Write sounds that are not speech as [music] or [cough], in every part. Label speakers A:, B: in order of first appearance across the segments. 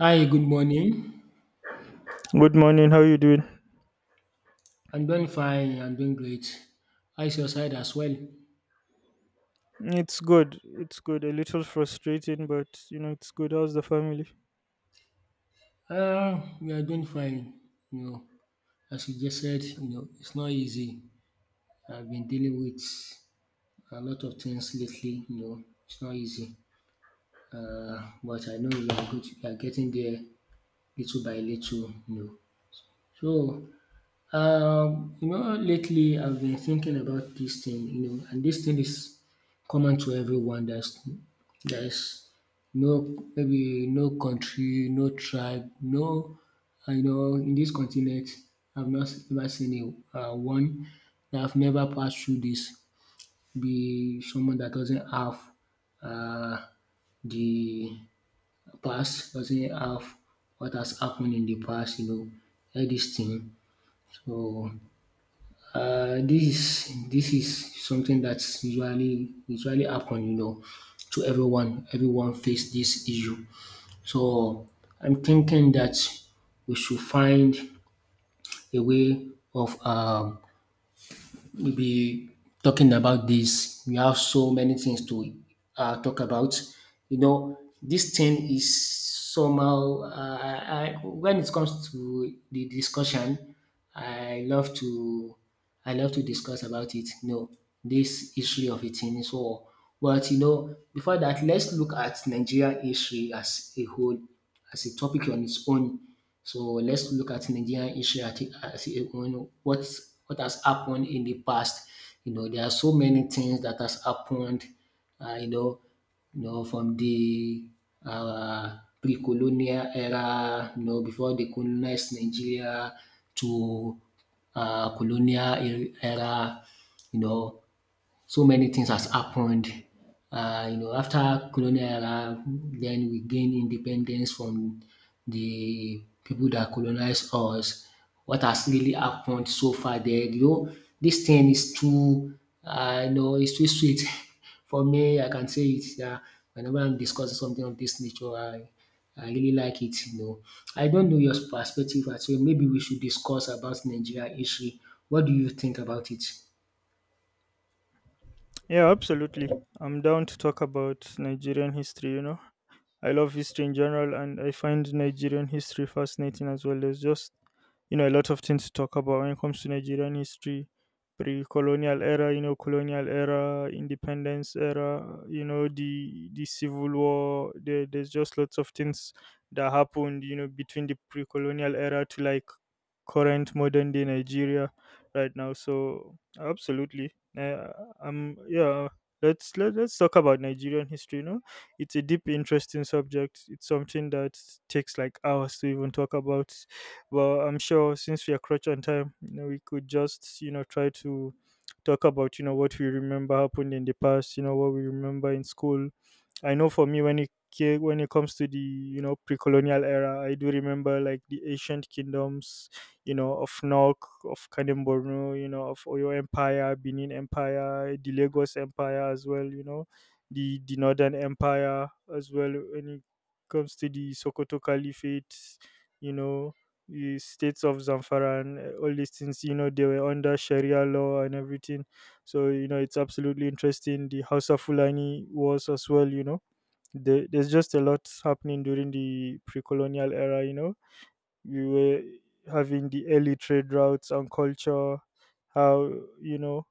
A: Hi, good morning.
B: Good morning. How you doing?
A: I'm doing fine. I'm doing great. How is your side as well?
B: It's good. It's good. A little frustrating, but it's good. How's the family?
A: We are doing fine. You know, as you just said, you know, it's not easy. I've been dealing with a lot of things lately. You know, it's not easy. But I know we are good. We are getting there little by little. You know, So, you know, lately I've been thinking about this thing, you know, and this thing is common to everyone. There's no, maybe no country, no tribe, no, I know in this continent, I've not ever seen a one that I've never passed through this. Be someone that doesn't have uh, the past, doesn't have what has happened in the past, you know, all this thing. So, this is something that's usually happen you know to everyone, everyone face this issue. So, I'm thinking that we should find a way of we'll be talking about this. We have so many things to talk about. You know, this thing is somehow, when it comes to the discussion, I love to, I love to discuss about it. You know, this history of a thing. So, but you know, before that, let's look at Nigeria history as a whole, as a topic on its own. So let's look at Nigerian history at it as what what has happened in the past. You know, there are so many things that has happened. You know, from the pre-colonial era. You know, before they colonized Nigeria to colonial era. You know, so many things has happened. You know, after colonial era, then we gain independence from the people that colonized us. What has really happened so far there? You know, this thing is too, you know, it's too sweet [laughs] for me. I can say it. Yeah, whenever I'm discussing something of this nature, I really like it. You know, I don't know your perspective as well. Maybe we should discuss about Nigeria history. What do you think about it?
B: Yeah, absolutely. I'm down to talk about Nigerian history. I love history in general and I find Nigerian history fascinating as well. There's just a lot of things to talk about when it comes to Nigerian history, pre-colonial era, colonial era, independence era, the civil war. There's just lots of things that happened, between the pre-colonial era to like current modern day Nigeria right now. So absolutely, yeah. Let's talk about Nigerian history. It's a deep, interesting subject. It's something that takes like hours to even talk about. But I'm sure since we are crunch on time, we could just try to talk about what we remember happened in the past. You know what we remember in school. I know for me when it comes to the pre-colonial era, I do remember like the ancient kingdoms, of Nok, of Kanem Borno, of Oyo Empire, Benin Empire, the Lagos Empire as well, the Northern Empire as well. When it comes to the Sokoto Caliphate, you know, the states of Zamfara and all these things, they were under Sharia law and everything. So it's absolutely interesting. The Hausa Fulani wars as well, there's just a lot happening during the pre-colonial era. We were having the early trade routes and culture. How you know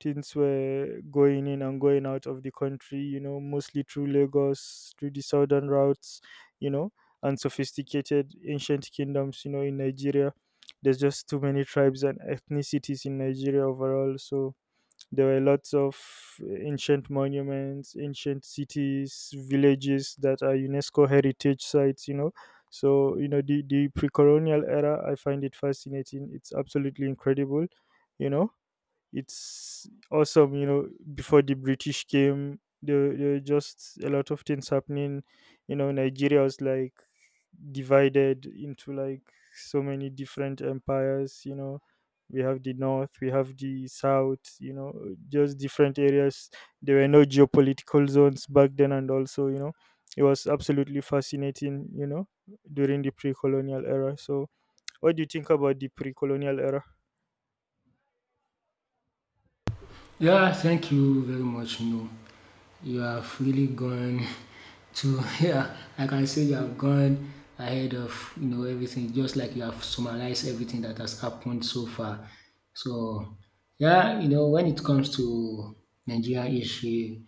B: things were going in and going out of the country, you know mostly through Lagos, through the southern routes. you know and sophisticated ancient kingdoms in Nigeria. There's just too many tribes and ethnicities in Nigeria overall, so there were lots of ancient monuments, ancient cities, villages that are UNESCO heritage sites. So, the pre colonial era, I find it fascinating. It's absolutely incredible. you know it's awesome. Before the British came, there were just a lot of things happening. Nigeria was like divided into like so many different empires. We have the north, we have the south. Just different areas. There were no geopolitical zones back then, and also, it was absolutely fascinating during the pre-colonial era. So what do you think about the pre colonial era?
A: Yeah, thank you very much. You know, you have really gone [laughs] to yeah. Like I can say you have gone ahead of you know everything, just like you have summarized everything that has happened so far. So yeah, you know when it comes to Nigeria history,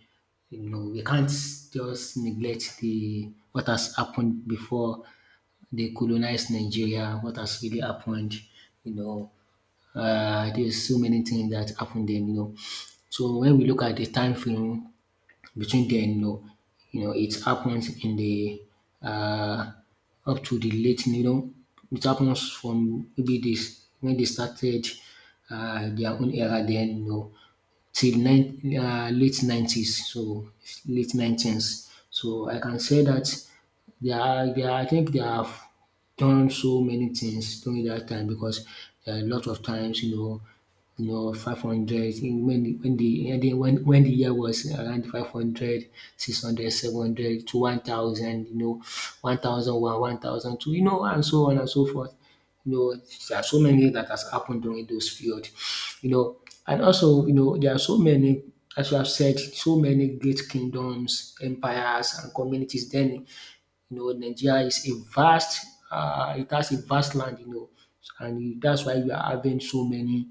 A: you know we can't just neglect the what has happened before they colonized Nigeria, what has really happened, you know, there's so many things that happened then, you know. So when we look at the time frame between then, you know, it happens in the uh, up to the late, you know, it happens from maybe this when they started their own era then, you know, till nine, uh, late nineties, so late nineties. So I can say that I think there are done so many things during that time because there are a lot of times, you know, 500 when the year was around 500 600 700 to 1000, you know, 1001, 1002, you know, and so on and so forth. You know, there are so many that has happened during those period, you know, and also, you know, there are so many, as you have said, so many great kingdoms, empires, and communities then you know, Nigeria is a vast, it has a vast land, you know, that's why we are having so many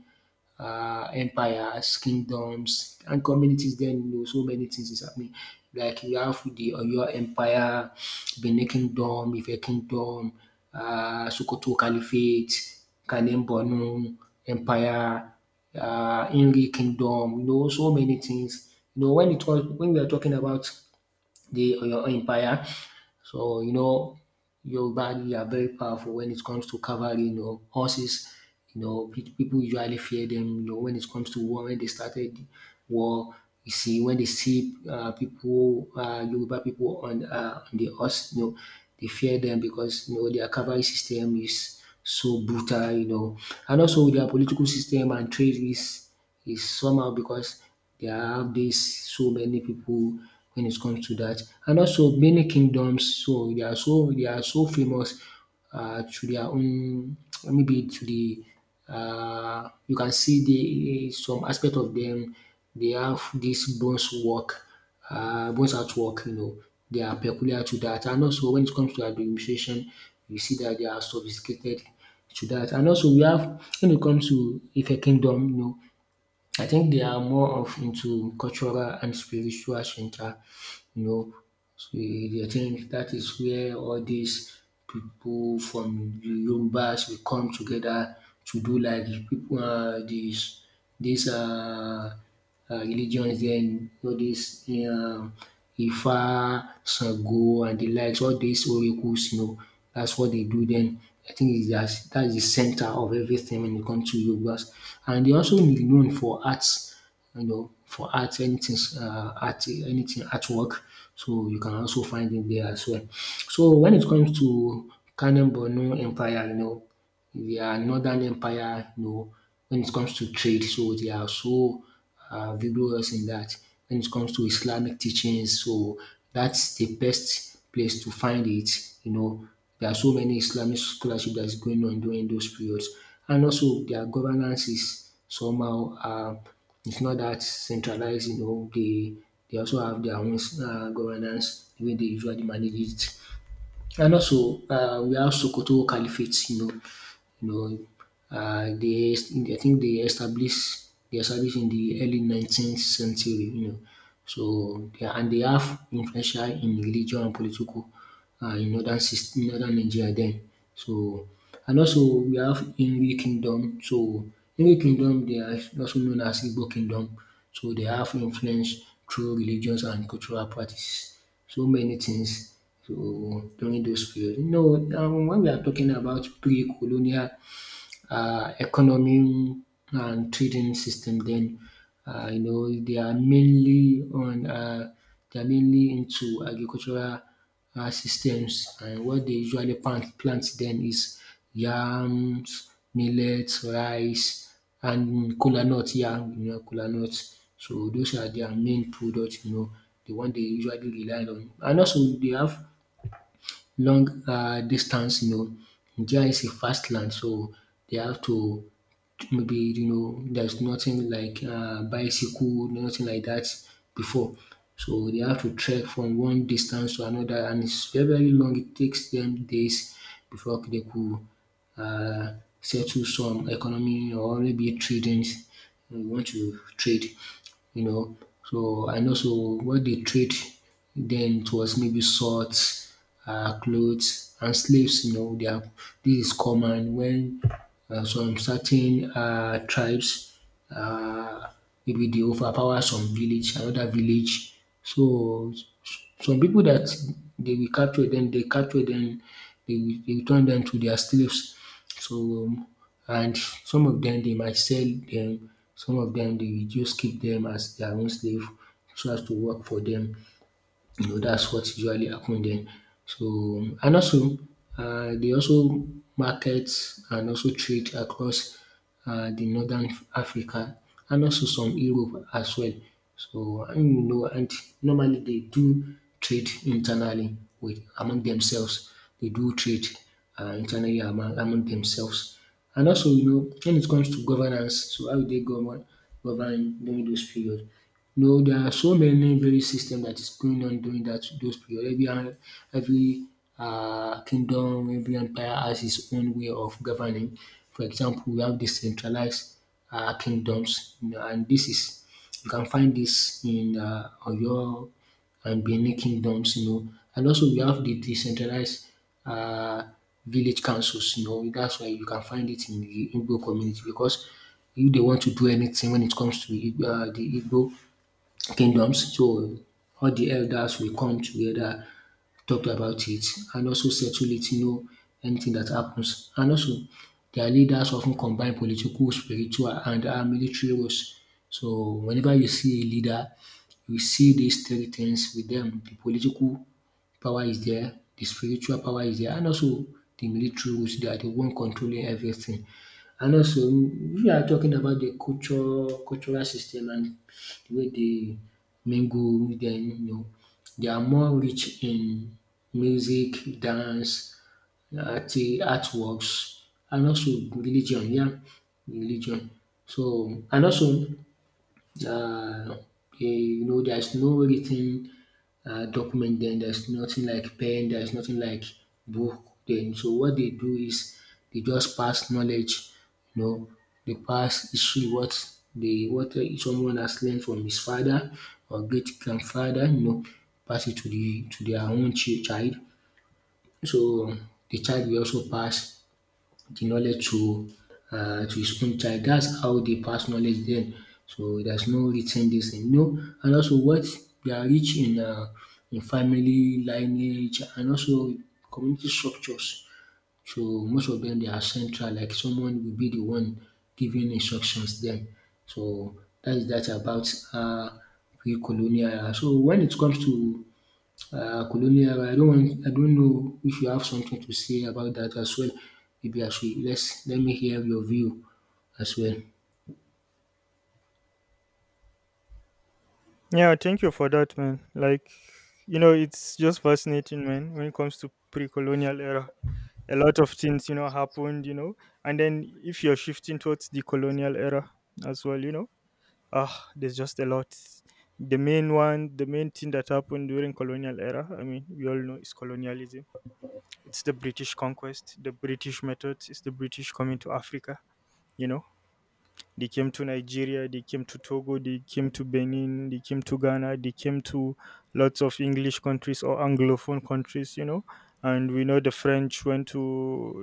A: empires, kingdoms, and communities. Then you know, so many things is happening. Like you have the Oyo Empire, Benin Kingdom, Ife Kingdom, Sokoto Caliphate, Kanem Borno Empire, Inri Kingdom. You know, so many things. You know, when it was when we are talking about the Oyo Empire. So you know, Yoruba we are very powerful when it comes to cavalry. You know, horses. You know, people usually fear them. You know, when it comes to war, when they started war, you see when they see people, Yoruba people on the horse, you know, they fear them because you know their cavalry system is so brutal. You know, and also their political system and trade is somehow because they have this so many people when it comes to that. And also many kingdoms, so they are so famous to their own maybe to the you can see the some aspect of them they have this bronze work, bronze artwork, you know, they are peculiar to that. And also when it comes to administration, you see that they are sophisticated to that. And also we have when it comes to Ife Kingdom, you know, I think they are more of into cultural and spiritual center, you know. So I think that is where all these people from the Yorubas will come together to do like the people, these, uh, religions there, you know, this Ifa, Sango, and the likes, all these oracles, you know, that's what they do then. I think it's that that's the center of everything when it comes to Yorubas. And they also be known for arts, you know, for art, anything, artwork. So you can also find it there as well. So when it comes to Kanem Borno Empire, you know, their northern empire, you know, when it comes to trade, so they are so vigorous in that. When it comes to Islamic teachings, so that's the best place to find it. You know, there are so many Islamic scholarship that's going on during those periods, and also their governance is somehow it's not that centralized. You know, they also have their own governance the way they usually manage it. And also, we have Sokoto Caliphate, you know, I think they established in the early 19th century, you know. So, they are and they have influential in religion and political in northern Nigeria then. So, and also we have Igbo kingdom. So, Igbo kingdom they are also known as Igbo kingdom. So, they have influence through religions and cultural practices. So many things so during those period. You know when we are talking about pre-colonial economy and trading system. Then you know they are mainly into agricultural systems, and what they usually plant then is yams, millets, rice, and kola nut. Yeah, you know kola nut. So those are their main products. You know the one they usually rely on, and also they have long distance. You know, Nigeria is a fast land, so they have to maybe you know there's nothing like bicycle, nothing like that before. So they have to trek from one distance to another, and it's very very long. It takes them days before they could uh, settle some economy or maybe trading. We want to trade you know. So I know so what they trade then it was maybe swords, clothes, and slaves. You know, they are, this is common when some certain tribes uh, maybe they overpower some village, another village. So some people that they capture them, they will turn them to their slaves. So, um, and some of them they might sell them. Some of dem dey just keep them as their own slave so as to work for them. You know, that's what usually happen there. So and also they also market and also trade across the northern Africa and also some Europe as well. So and you know and normally they do trade internally with among themselves. They do trade internally among themselves. And also, you know, when it comes to governance, so how they govern during those period. You know, there are so many very system that is going on during that those period. Every kingdom, every empire has its own way of governing. For example, we have decentralized kingdoms, you know, and this is you can find this in Oyo and Benin Kingdoms, you know. And also we have the decentralized uh, village councils, you know. That's why you can find it in the Igbo community because if they want to do anything when it comes to the Igbo kingdoms. So all the elders will come together, talk about it and also settle it, you know, anything that happens. And also their leaders often combine political, spiritual and military roles. So whenever you see a leader, you see these three things with them: the political power is there, the spiritual power is there and also the military roles. They are the one controlling everything. And also we are talking about the culture cultural system and wey dey mingle with dem, you know. They are more rich in music, dance, art artworks and also religion, yeah, religion. So and also uh, okay, there's no written document then. There's nothing like pen. There's nothing like book then. So what they do is they just pass knowledge. You know, they pass history what they what someone has learned from his father or great grandfather. You know, pass it to their own child. So the child will also pass the knowledge to his own child. That's how they pass knowledge then. So there's no written this thing. No, and also what they are rich in family lineage and also community structures. So most of them they are central, like someone will be the one giving instructions then. So that is that about pre-colonial era. So when it comes to colonial, I don't know if you have something to say about that as well. Maybe I should let's let me hear your view as well.
B: Yeah, thank you for that, man. Like, it's just fascinating, man, when it comes to pre colonial era. A lot of things, happened, and then if you're shifting towards the colonial era as well. Ah, there's just a lot. The main one, the main thing that happened during colonial era, I mean, we all know is colonialism. It's the British conquest, the British methods, it's the British coming to Africa, you know. They came to Nigeria, they came to Togo, they came to Benin, they came to Ghana, they came to lots of English countries or Anglophone countries. And we know the French went to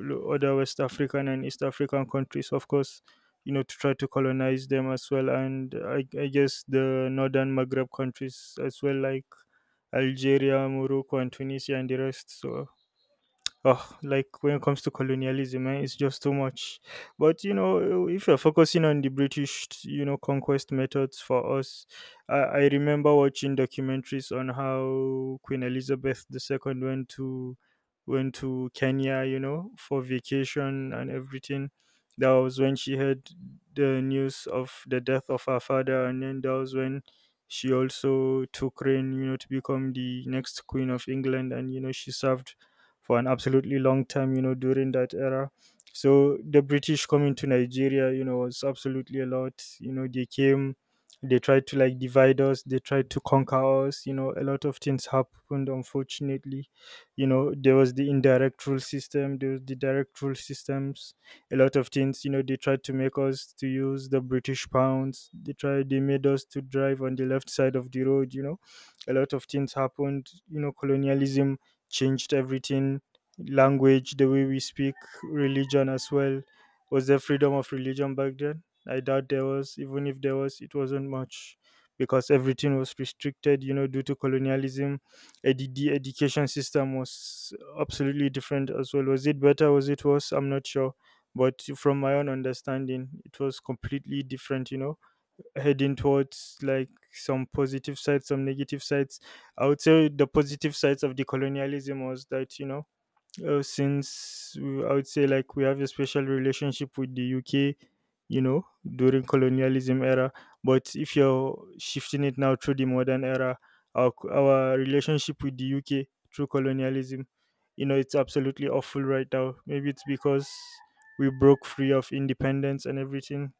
B: other West African and East African countries, of course, to try to colonize them as well. And I guess the northern Maghreb countries as well, like Algeria, Morocco, and Tunisia, and the rest. So oh, like when it comes to colonialism, it's just too much. But if you're focusing on the British, conquest methods for us, I remember watching documentaries on how Queen Elizabeth the Second went to Kenya, for vacation and everything. That was when she heard the news of the death of her father, and then that was when she also took reign, to become the next queen of England, and she served for an absolutely long time, during that era. So the British coming to Nigeria, was absolutely a lot. They came, they tried to like divide us, they tried to conquer us, a lot of things happened, unfortunately. There was the indirect rule system, there was the direct rule systems, a lot of things, they tried to make us to use the British pounds. They tried, they made us to drive on the left side of the road, a lot of things happened, colonialism changed everything. Language, the way we speak, religion as well. Was there freedom of religion back then? I doubt there was. Even if there was, it wasn't much because everything was restricted, due to colonialism. The education system was absolutely different as well. Was it better? Was it worse? I'm not sure. But from my own understanding, it was completely different, heading towards like some positive sides, some negative sides. I would say the positive sides of decolonialism was that, you know since I would say like we have a special relationship with the UK you know during colonialism era. But if you're shifting it now through the modern era, our relationship with the UK through colonialism, it's absolutely awful right now. Maybe it's because we broke free of independence and everything.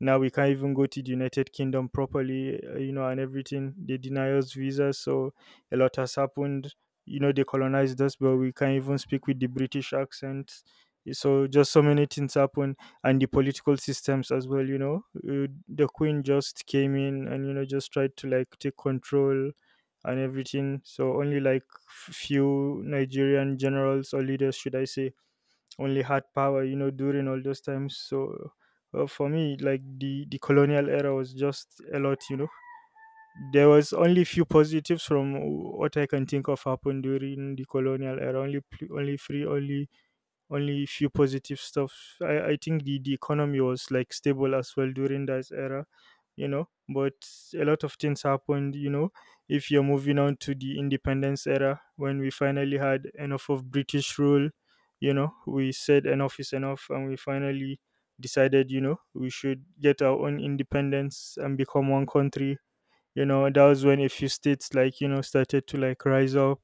B: Now we can't even go to the United Kingdom properly, and everything. They deny us visas, so a lot has happened. They colonized us, but we can't even speak with the British accent. So just so many things happen, and the political systems as well. The Queen just came in and just tried to like take control and everything. So only like few Nigerian generals or leaders, should I say, only had power during all those times. So for me, like the colonial era was just a lot. There was only few positives from what I can think of happened during the colonial era. Only pl- only free only only a few positive stuff. I think the economy was like stable as well during that era, But a lot of things happened. If you're moving on to the independence era, when we finally had enough of British rule, we said enough is enough, and we finally decided, we should get our own independence and become one country. That was when a few states like started to like rise up.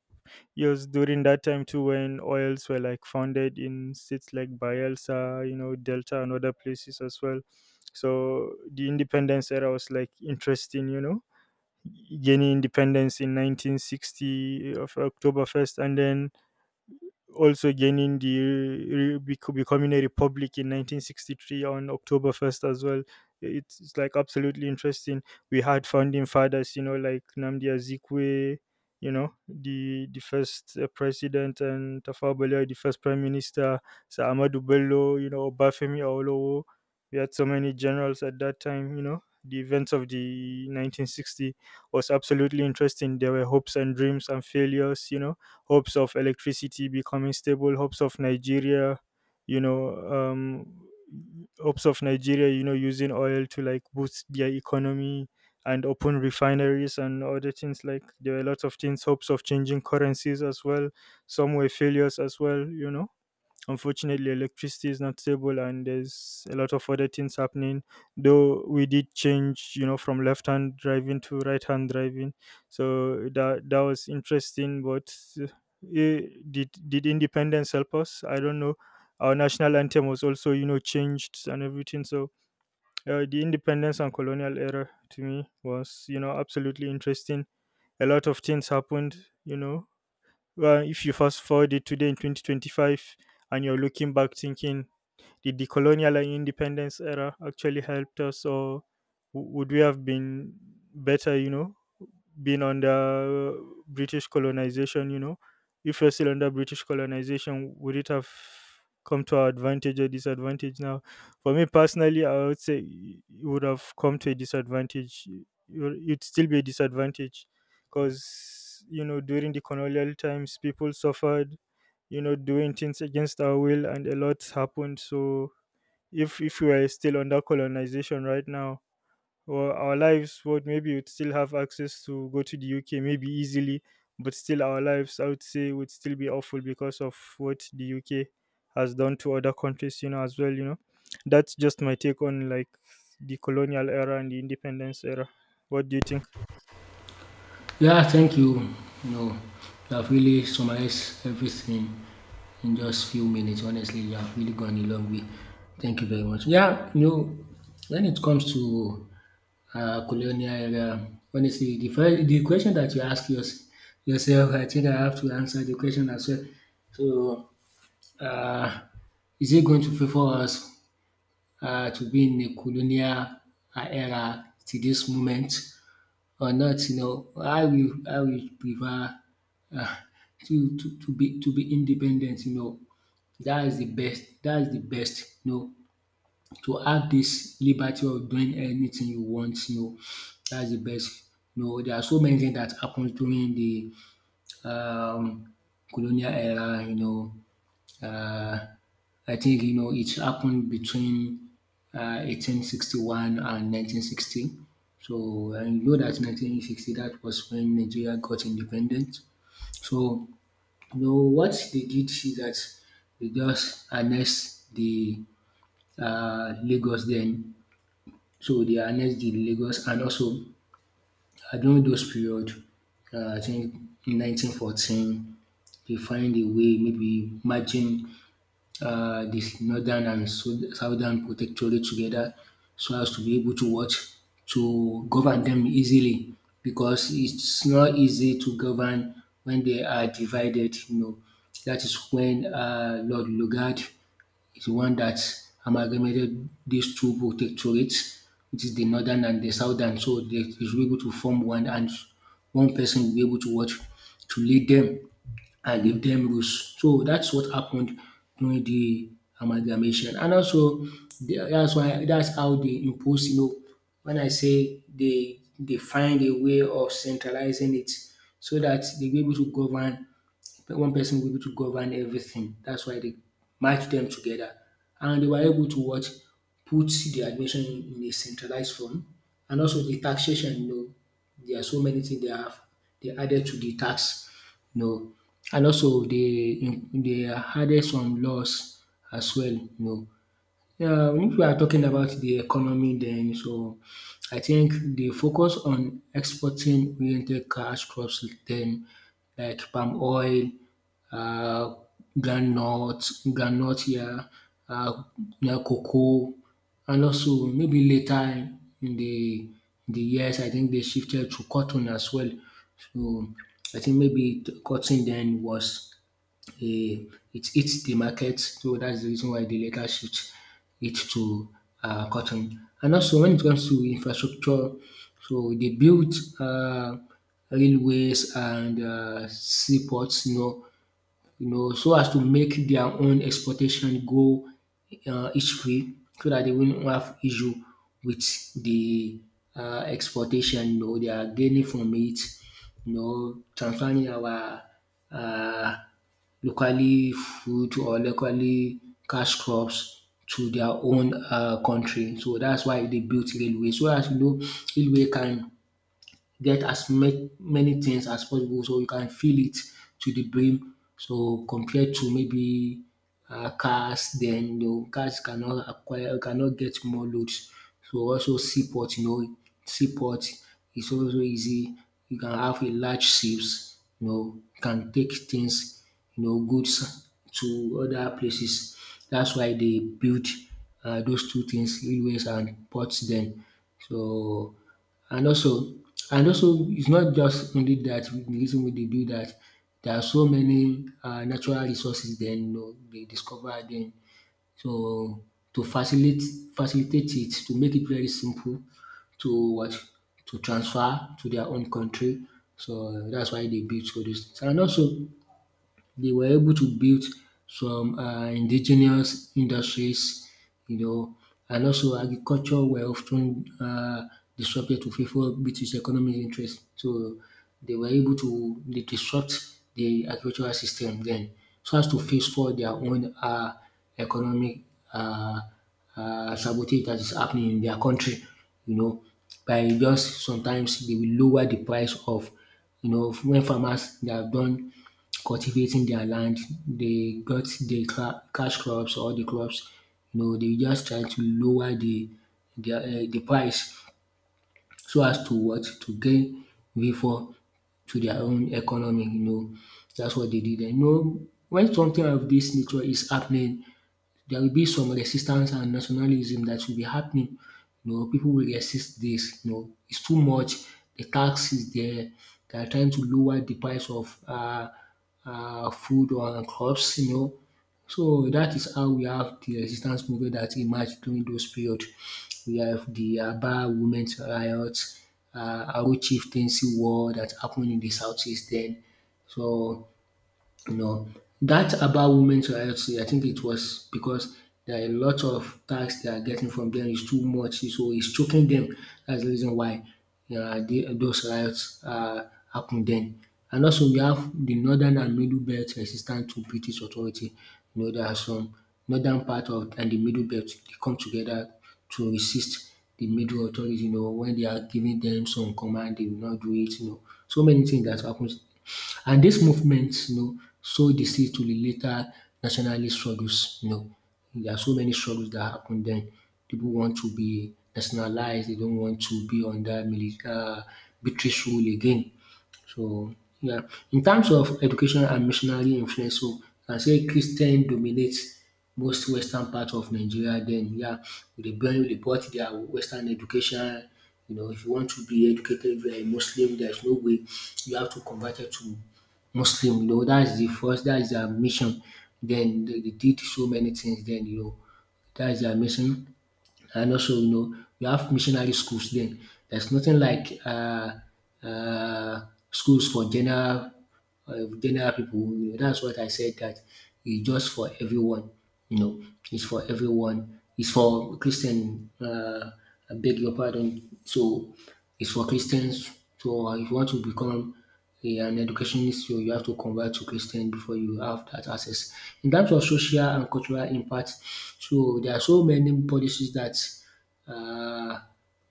B: Yes, during that time too, when oils were like founded in states like Bielsa, Delta, and other places as well. So the independence era was like interesting, gaining independence in 1960 of October 1st, and then also gaining the becoming a republic in 1963 on October 1st as well. It's like absolutely interesting. We had founding fathers, like Namdi Azikwe, the first president, and Tafawa Balewa, the first prime minister, Sir Ahmadu Bello, Obafemi Awolowo. We had so many generals at that time, The events of the 1960 was absolutely interesting. There were hopes and dreams and failures. Hopes of electricity becoming stable, hopes of Nigeria, you know, um, hopes of Nigeria, using oil to like boost their economy and open refineries and other things. Like there are a lot of things, hopes of changing currencies as well. Some were failures as well. Unfortunately, electricity is not stable, and there's a lot of other things happening. Though we did change, from left-hand driving to right-hand driving, so that was interesting. But uh, eh, did independence help us? I don't know. Our national anthem was also, changed and everything. So the independence and colonial era to me was, absolutely interesting. A lot of things happened, you know, if you fast forward it today in 2025 and you're looking back thinking, did the colonial and independence era actually helped us, or would we have been better, being under British colonization, If we're still under British colonization, would it have come to our advantage or disadvantage now? For me personally, I would say it would have come to a disadvantage. It'd still be a disadvantage because, during the colonial times, people suffered, doing things against our will, and a lot happened. So if we were still under colonization right now, or our lives would maybe would still have access to go to the UK maybe easily. But still our lives, I would say, would still be awful because of what the UK has done to other countries, as well. That's just my take on like the colonial era and the independence era. What do you think?
A: Yeah, thank you. You know, you have really summarized everything in just few minutes. Honestly, you have really gone a long way. Thank you very much. Yeah, you know, when it comes to colonial era, honestly, the question that yourself, I think I have to answer the question as well. So uh, is it going to favor us to be in a colonial era to this moment or not? You know, I will prefer uh, to be independent. You know, that is the best. That is the best. You know, to have this liberty of doing anything you want. You know, that's the best. You know, there are so many things that happens during the um, colonial era, you know, uh, I think, you know, it happened between 1861 and 1960. So, and you know that 1960, that was when Nigeria got independent. So, you know, what they did is that they just annexed the Lagos then. So, they annexed the Lagos and also and during those period, I think in 1914, they find a way maybe merging this northern and southern protectorate together so as to be able to what to govern them easily because it's not easy to govern when they are divided. You know that is when Lord Lugard is the one that amalgamated these two protectorates, which is the northern and the southern. So they should be able to form one, and one person will be able to what to lead them and give them rules. So that's what happened during the amalgamation, and also that's how they impose. You know, when I say they find a way of centralizing it, so that they will be able to govern but one person will be able to govern everything. That's why they match them together. And they were able to what? Put the admission in a centralized form. And also the taxation, you know, there are so many things they added to the tax, you know. And also they added some laws as well, you know, yeah, if we are talking about the economy, then so I think the focus on exporting oriented cash crops, then like palm oil, uh, groundnut, groundnut, yeah, uh, yeah, cocoa, and also maybe later in the years, I think they shifted to cotton as well. So I think maybe cotton then was eh, it hits the market, so that's the reason why they later shift it to cotton. And also when it comes to infrastructure, so they built um railways and seaports, you know, so as to make their own exportation go each-free so that they won't have issue with the exportation. You know, they are gaining from it, you know, transferring our uh locally food or locally cash crops to their own country. So, that's why they built railway so as you know railway can get as many things as possible so you can fill it to the brim. So compared to maybe cars, then you know, cars cannot acquire, cannot get more loads. So also seaport, you know, seaport is also easy. You can have a large ships, you know, can take things, you know, goods to other places. That's why they build those two things, railways and ports. Then so and also and also it's not just only that the reason wey dey do that. There are so many natural resources then, you know dey discover dem. So to facilitate it, to make it very simple to what to transfer to their own country. So that's why they build all dis. And also they were able to build some indigenous industries, you know, and also agriculture were often ten disrupted to favour British economic interest. So they were able to dey disrupt the agricultural system then so as to face for their own economic um sabotage that is happening in their country, you know, by just sometimes they will lower the price of you know when farmers they have done cultivating their land. They got the cash crops or the crops. You know, they just try to lower the price so as to what to gain before to their own economy. You know, that's what they did. And, you know, when something of this nature is happening, there will be some resistance and nationalism that will be happening. You know, people will resist this. You know, it's too much. The tax is there. They are trying to lower the price of food or crops. You know, so that is how we have the resistance movement that emerged during those period. We have the Aba Women's Riots, Aro Chieftaincy War that happened in the southeast then. So no, that about women's rights, I think it was because there are a lot of tax they are getting from them is too much, so it's choking them. That's the reason why those riots happen then. And also, we have the northern and middle belt resistant to British authority. You know, there are some northern part of and the middle belt they come together to resist the middle authority. You know, when they are giving them some command, they will not do it. You know, so many things that happens and this movement, you know, sowed the seed to the later nationalist struggles. You know, there are so many struggles that happened then. People want to be nationalized. They don't want to be under military British rule again. So, yeah. In terms of education and missionary influence, so I say Christian dominates most western part of Nigeria then, yeah, they brought their western education. You know, if you want to be educated, if you are a Muslim, there's no way, you have to convert it to Muslim. You know, that's the first, that's their mission. Then they did so many things then, you know, that's their mission. And also, you know, we have missionary schools then. There's nothing like uh, schools for general general people. You know, that's what I said, that it's just for everyone. You know, it's for everyone. It's for Christian. I beg your pardon. So it's for Christians. So if you want to become yeah, an education issue, you have to convert to Christian before you have that access. In terms of social and cultural impact, so there are so many policies that uh,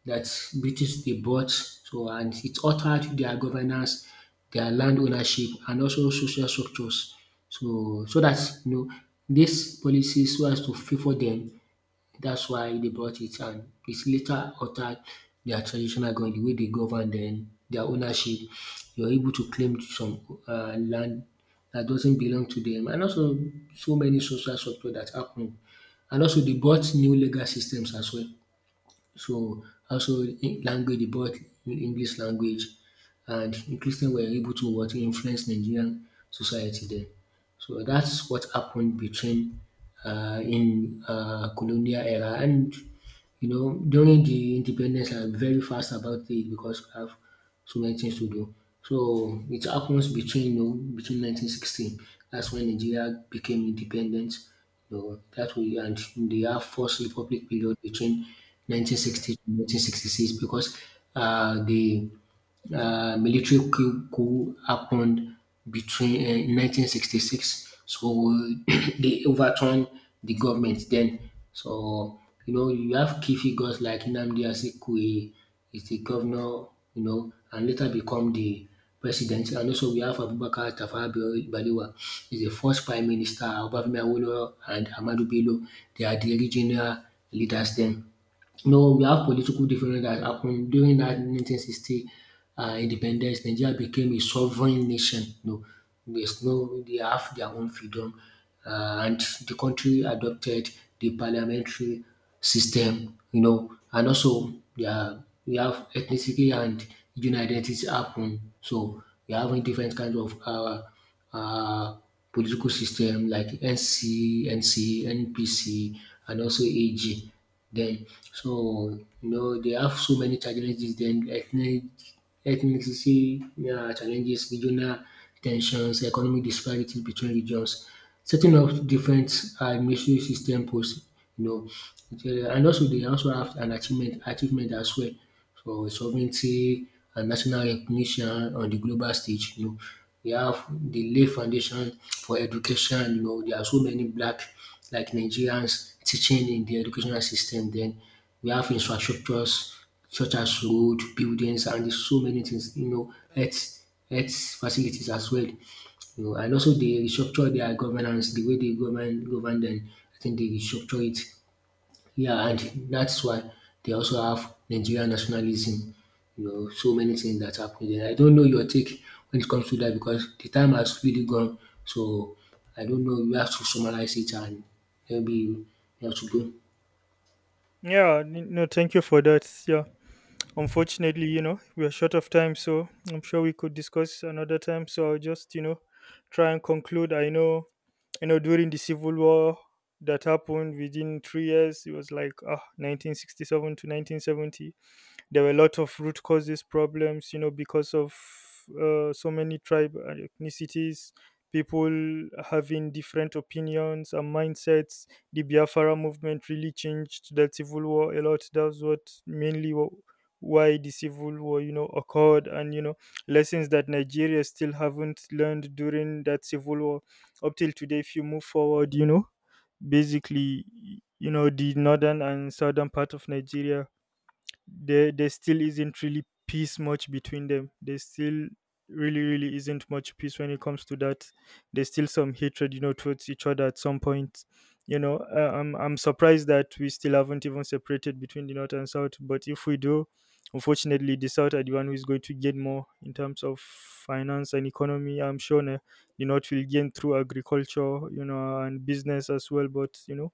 A: British they brought, so and it altered their governance, their land ownership, and also social structures. So so that you know these policies so as to favour them, that's why they brought it, and it's later altered their traditional government, the way they govern then their ownership. You're able to claim some land that doesn't belong to them and also so many social structure that happen. And also they bought new legal systems as well. So also in language, they bought English language and Christians were able to what influence Nigerian society then. So that's what happened between in colonial era, and you know during the independence, I'm very fast about it because I have so many things to do. So it happens between between 1916. That's when Nigeria became independent. You know that way, and they have first republic period between 1960 to 1966 because the military coup happened between in 1966. So [clears throat] they overturned the government then. So you know you have key figures like Nnamdi Azikiwe is the governor, you know, and later become the president. And also we have Abubakar Tafawa Balewa is the first prime minister, Obafemi Awolowo and Ahmadu Bello. They are the regional leaders then. No, we have political difference that happened during that 1960 independence. Nigeria became a sovereign nation. No, there's no, they have their own freedom, and the country adopted the parliamentary system. You know, and also we have ethnicity and regional identity happen. So we are having different kinds of uh, political system like NC, NPC, and also AG. Then so you know they have so many challenges then, ethnicity challenges, regional tensions, economic disparities between regions, setting up different administrative system posts, you know, and also they also have an achievement as well. So sovereignty and national recognition on the global stage, you know, we have the lay foundation for education, you know, there are so many black like Nigerians teaching in the educational system then. We have infrastructures such as road, buildings and so many things, you know, health facilities as well. You know, and also they restructure their governance, the way they govern them, I think they restructure it, yeah, and that's why they also have Nigerian nationalism, you know, so many things that happen there. I don't know your take when it comes to that because the time has really gone. So I don't know, you have to summarize it and maybe you have to go.
B: Yeah, no, thank you for that. Yeah, unfortunately, we're short of time, so I'm sure we could discuss another time. So I'll just try and conclude. I know, during the civil war that happened within 3 years. It was like 1967 to 1970. There were a lot of root causes problems, because of so many tribe and ethnicities, people having different opinions and mindsets. The Biafra movement really changed that civil war a lot. That's what mainly why the civil war, occurred. And lessons that Nigeria still haven't learned during that civil war up till today. If you move forward, basically, the northern and southern part of Nigeria, there still isn't really peace much between them. There still really really isn't much peace when it comes to that. There's still some hatred, towards each other at some point. I'm surprised that we still haven't even separated between the north and south. But if we do, unfortunately, the south are the one who is going to gain more in terms of finance and economy. I'm sure the north will gain through agriculture, and business as well. But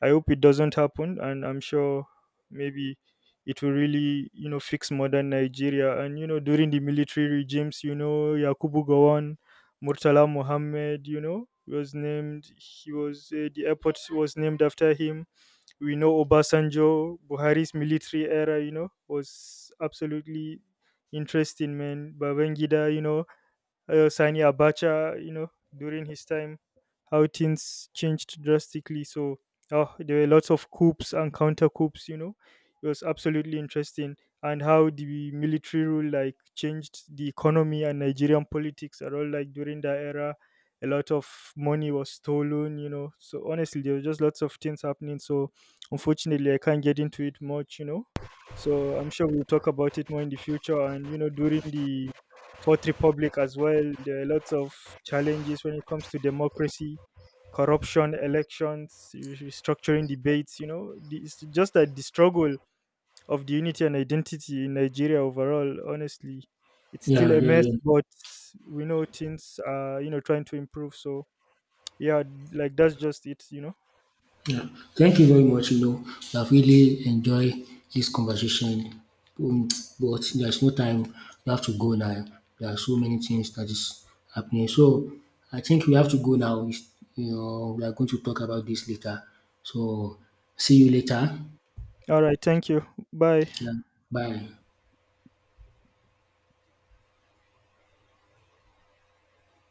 B: I hope it doesn't happen, and I'm sure maybe it will really, fix modern Nigeria. And during the military regimes, Yakubu Gowon, Murtala Mohammed, was named. He was the airport was named after him. We know Obasanjo, Buhari's military era, was absolutely interesting, man. Babangida, Sani Abacha, during his time, how things changed drastically. So oh, there were lots of coups and counter coups, It was absolutely interesting. And how the military rule like changed the economy and Nigerian politics at all. Like during that era, a lot of money was stolen, So honestly, there were just lots of things happening. So unfortunately, I can't get into it much, So I'm sure we'll talk about it more in the future. And during the Fourth Republic as well. There are lots of challenges when it comes to democracy, corruption, elections, restructuring debates. It's just that the struggle of the unity and identity in Nigeria overall, honestly, it's still
A: Yeah,
B: a
A: yeah,
B: mess.
A: yeah.
B: But we know things are, trying to improve. So, yeah, like that's just it,
A: Yeah. Thank you very much. You know, I've really enjoyed this conversation, um, but there's no time. We have to go now. There are so many things that is happening. So I think we have to go now. It's- You know, we are going to talk about this later. So see you later.
B: All right. Thank you. Bye.
A: Yeah. Bye.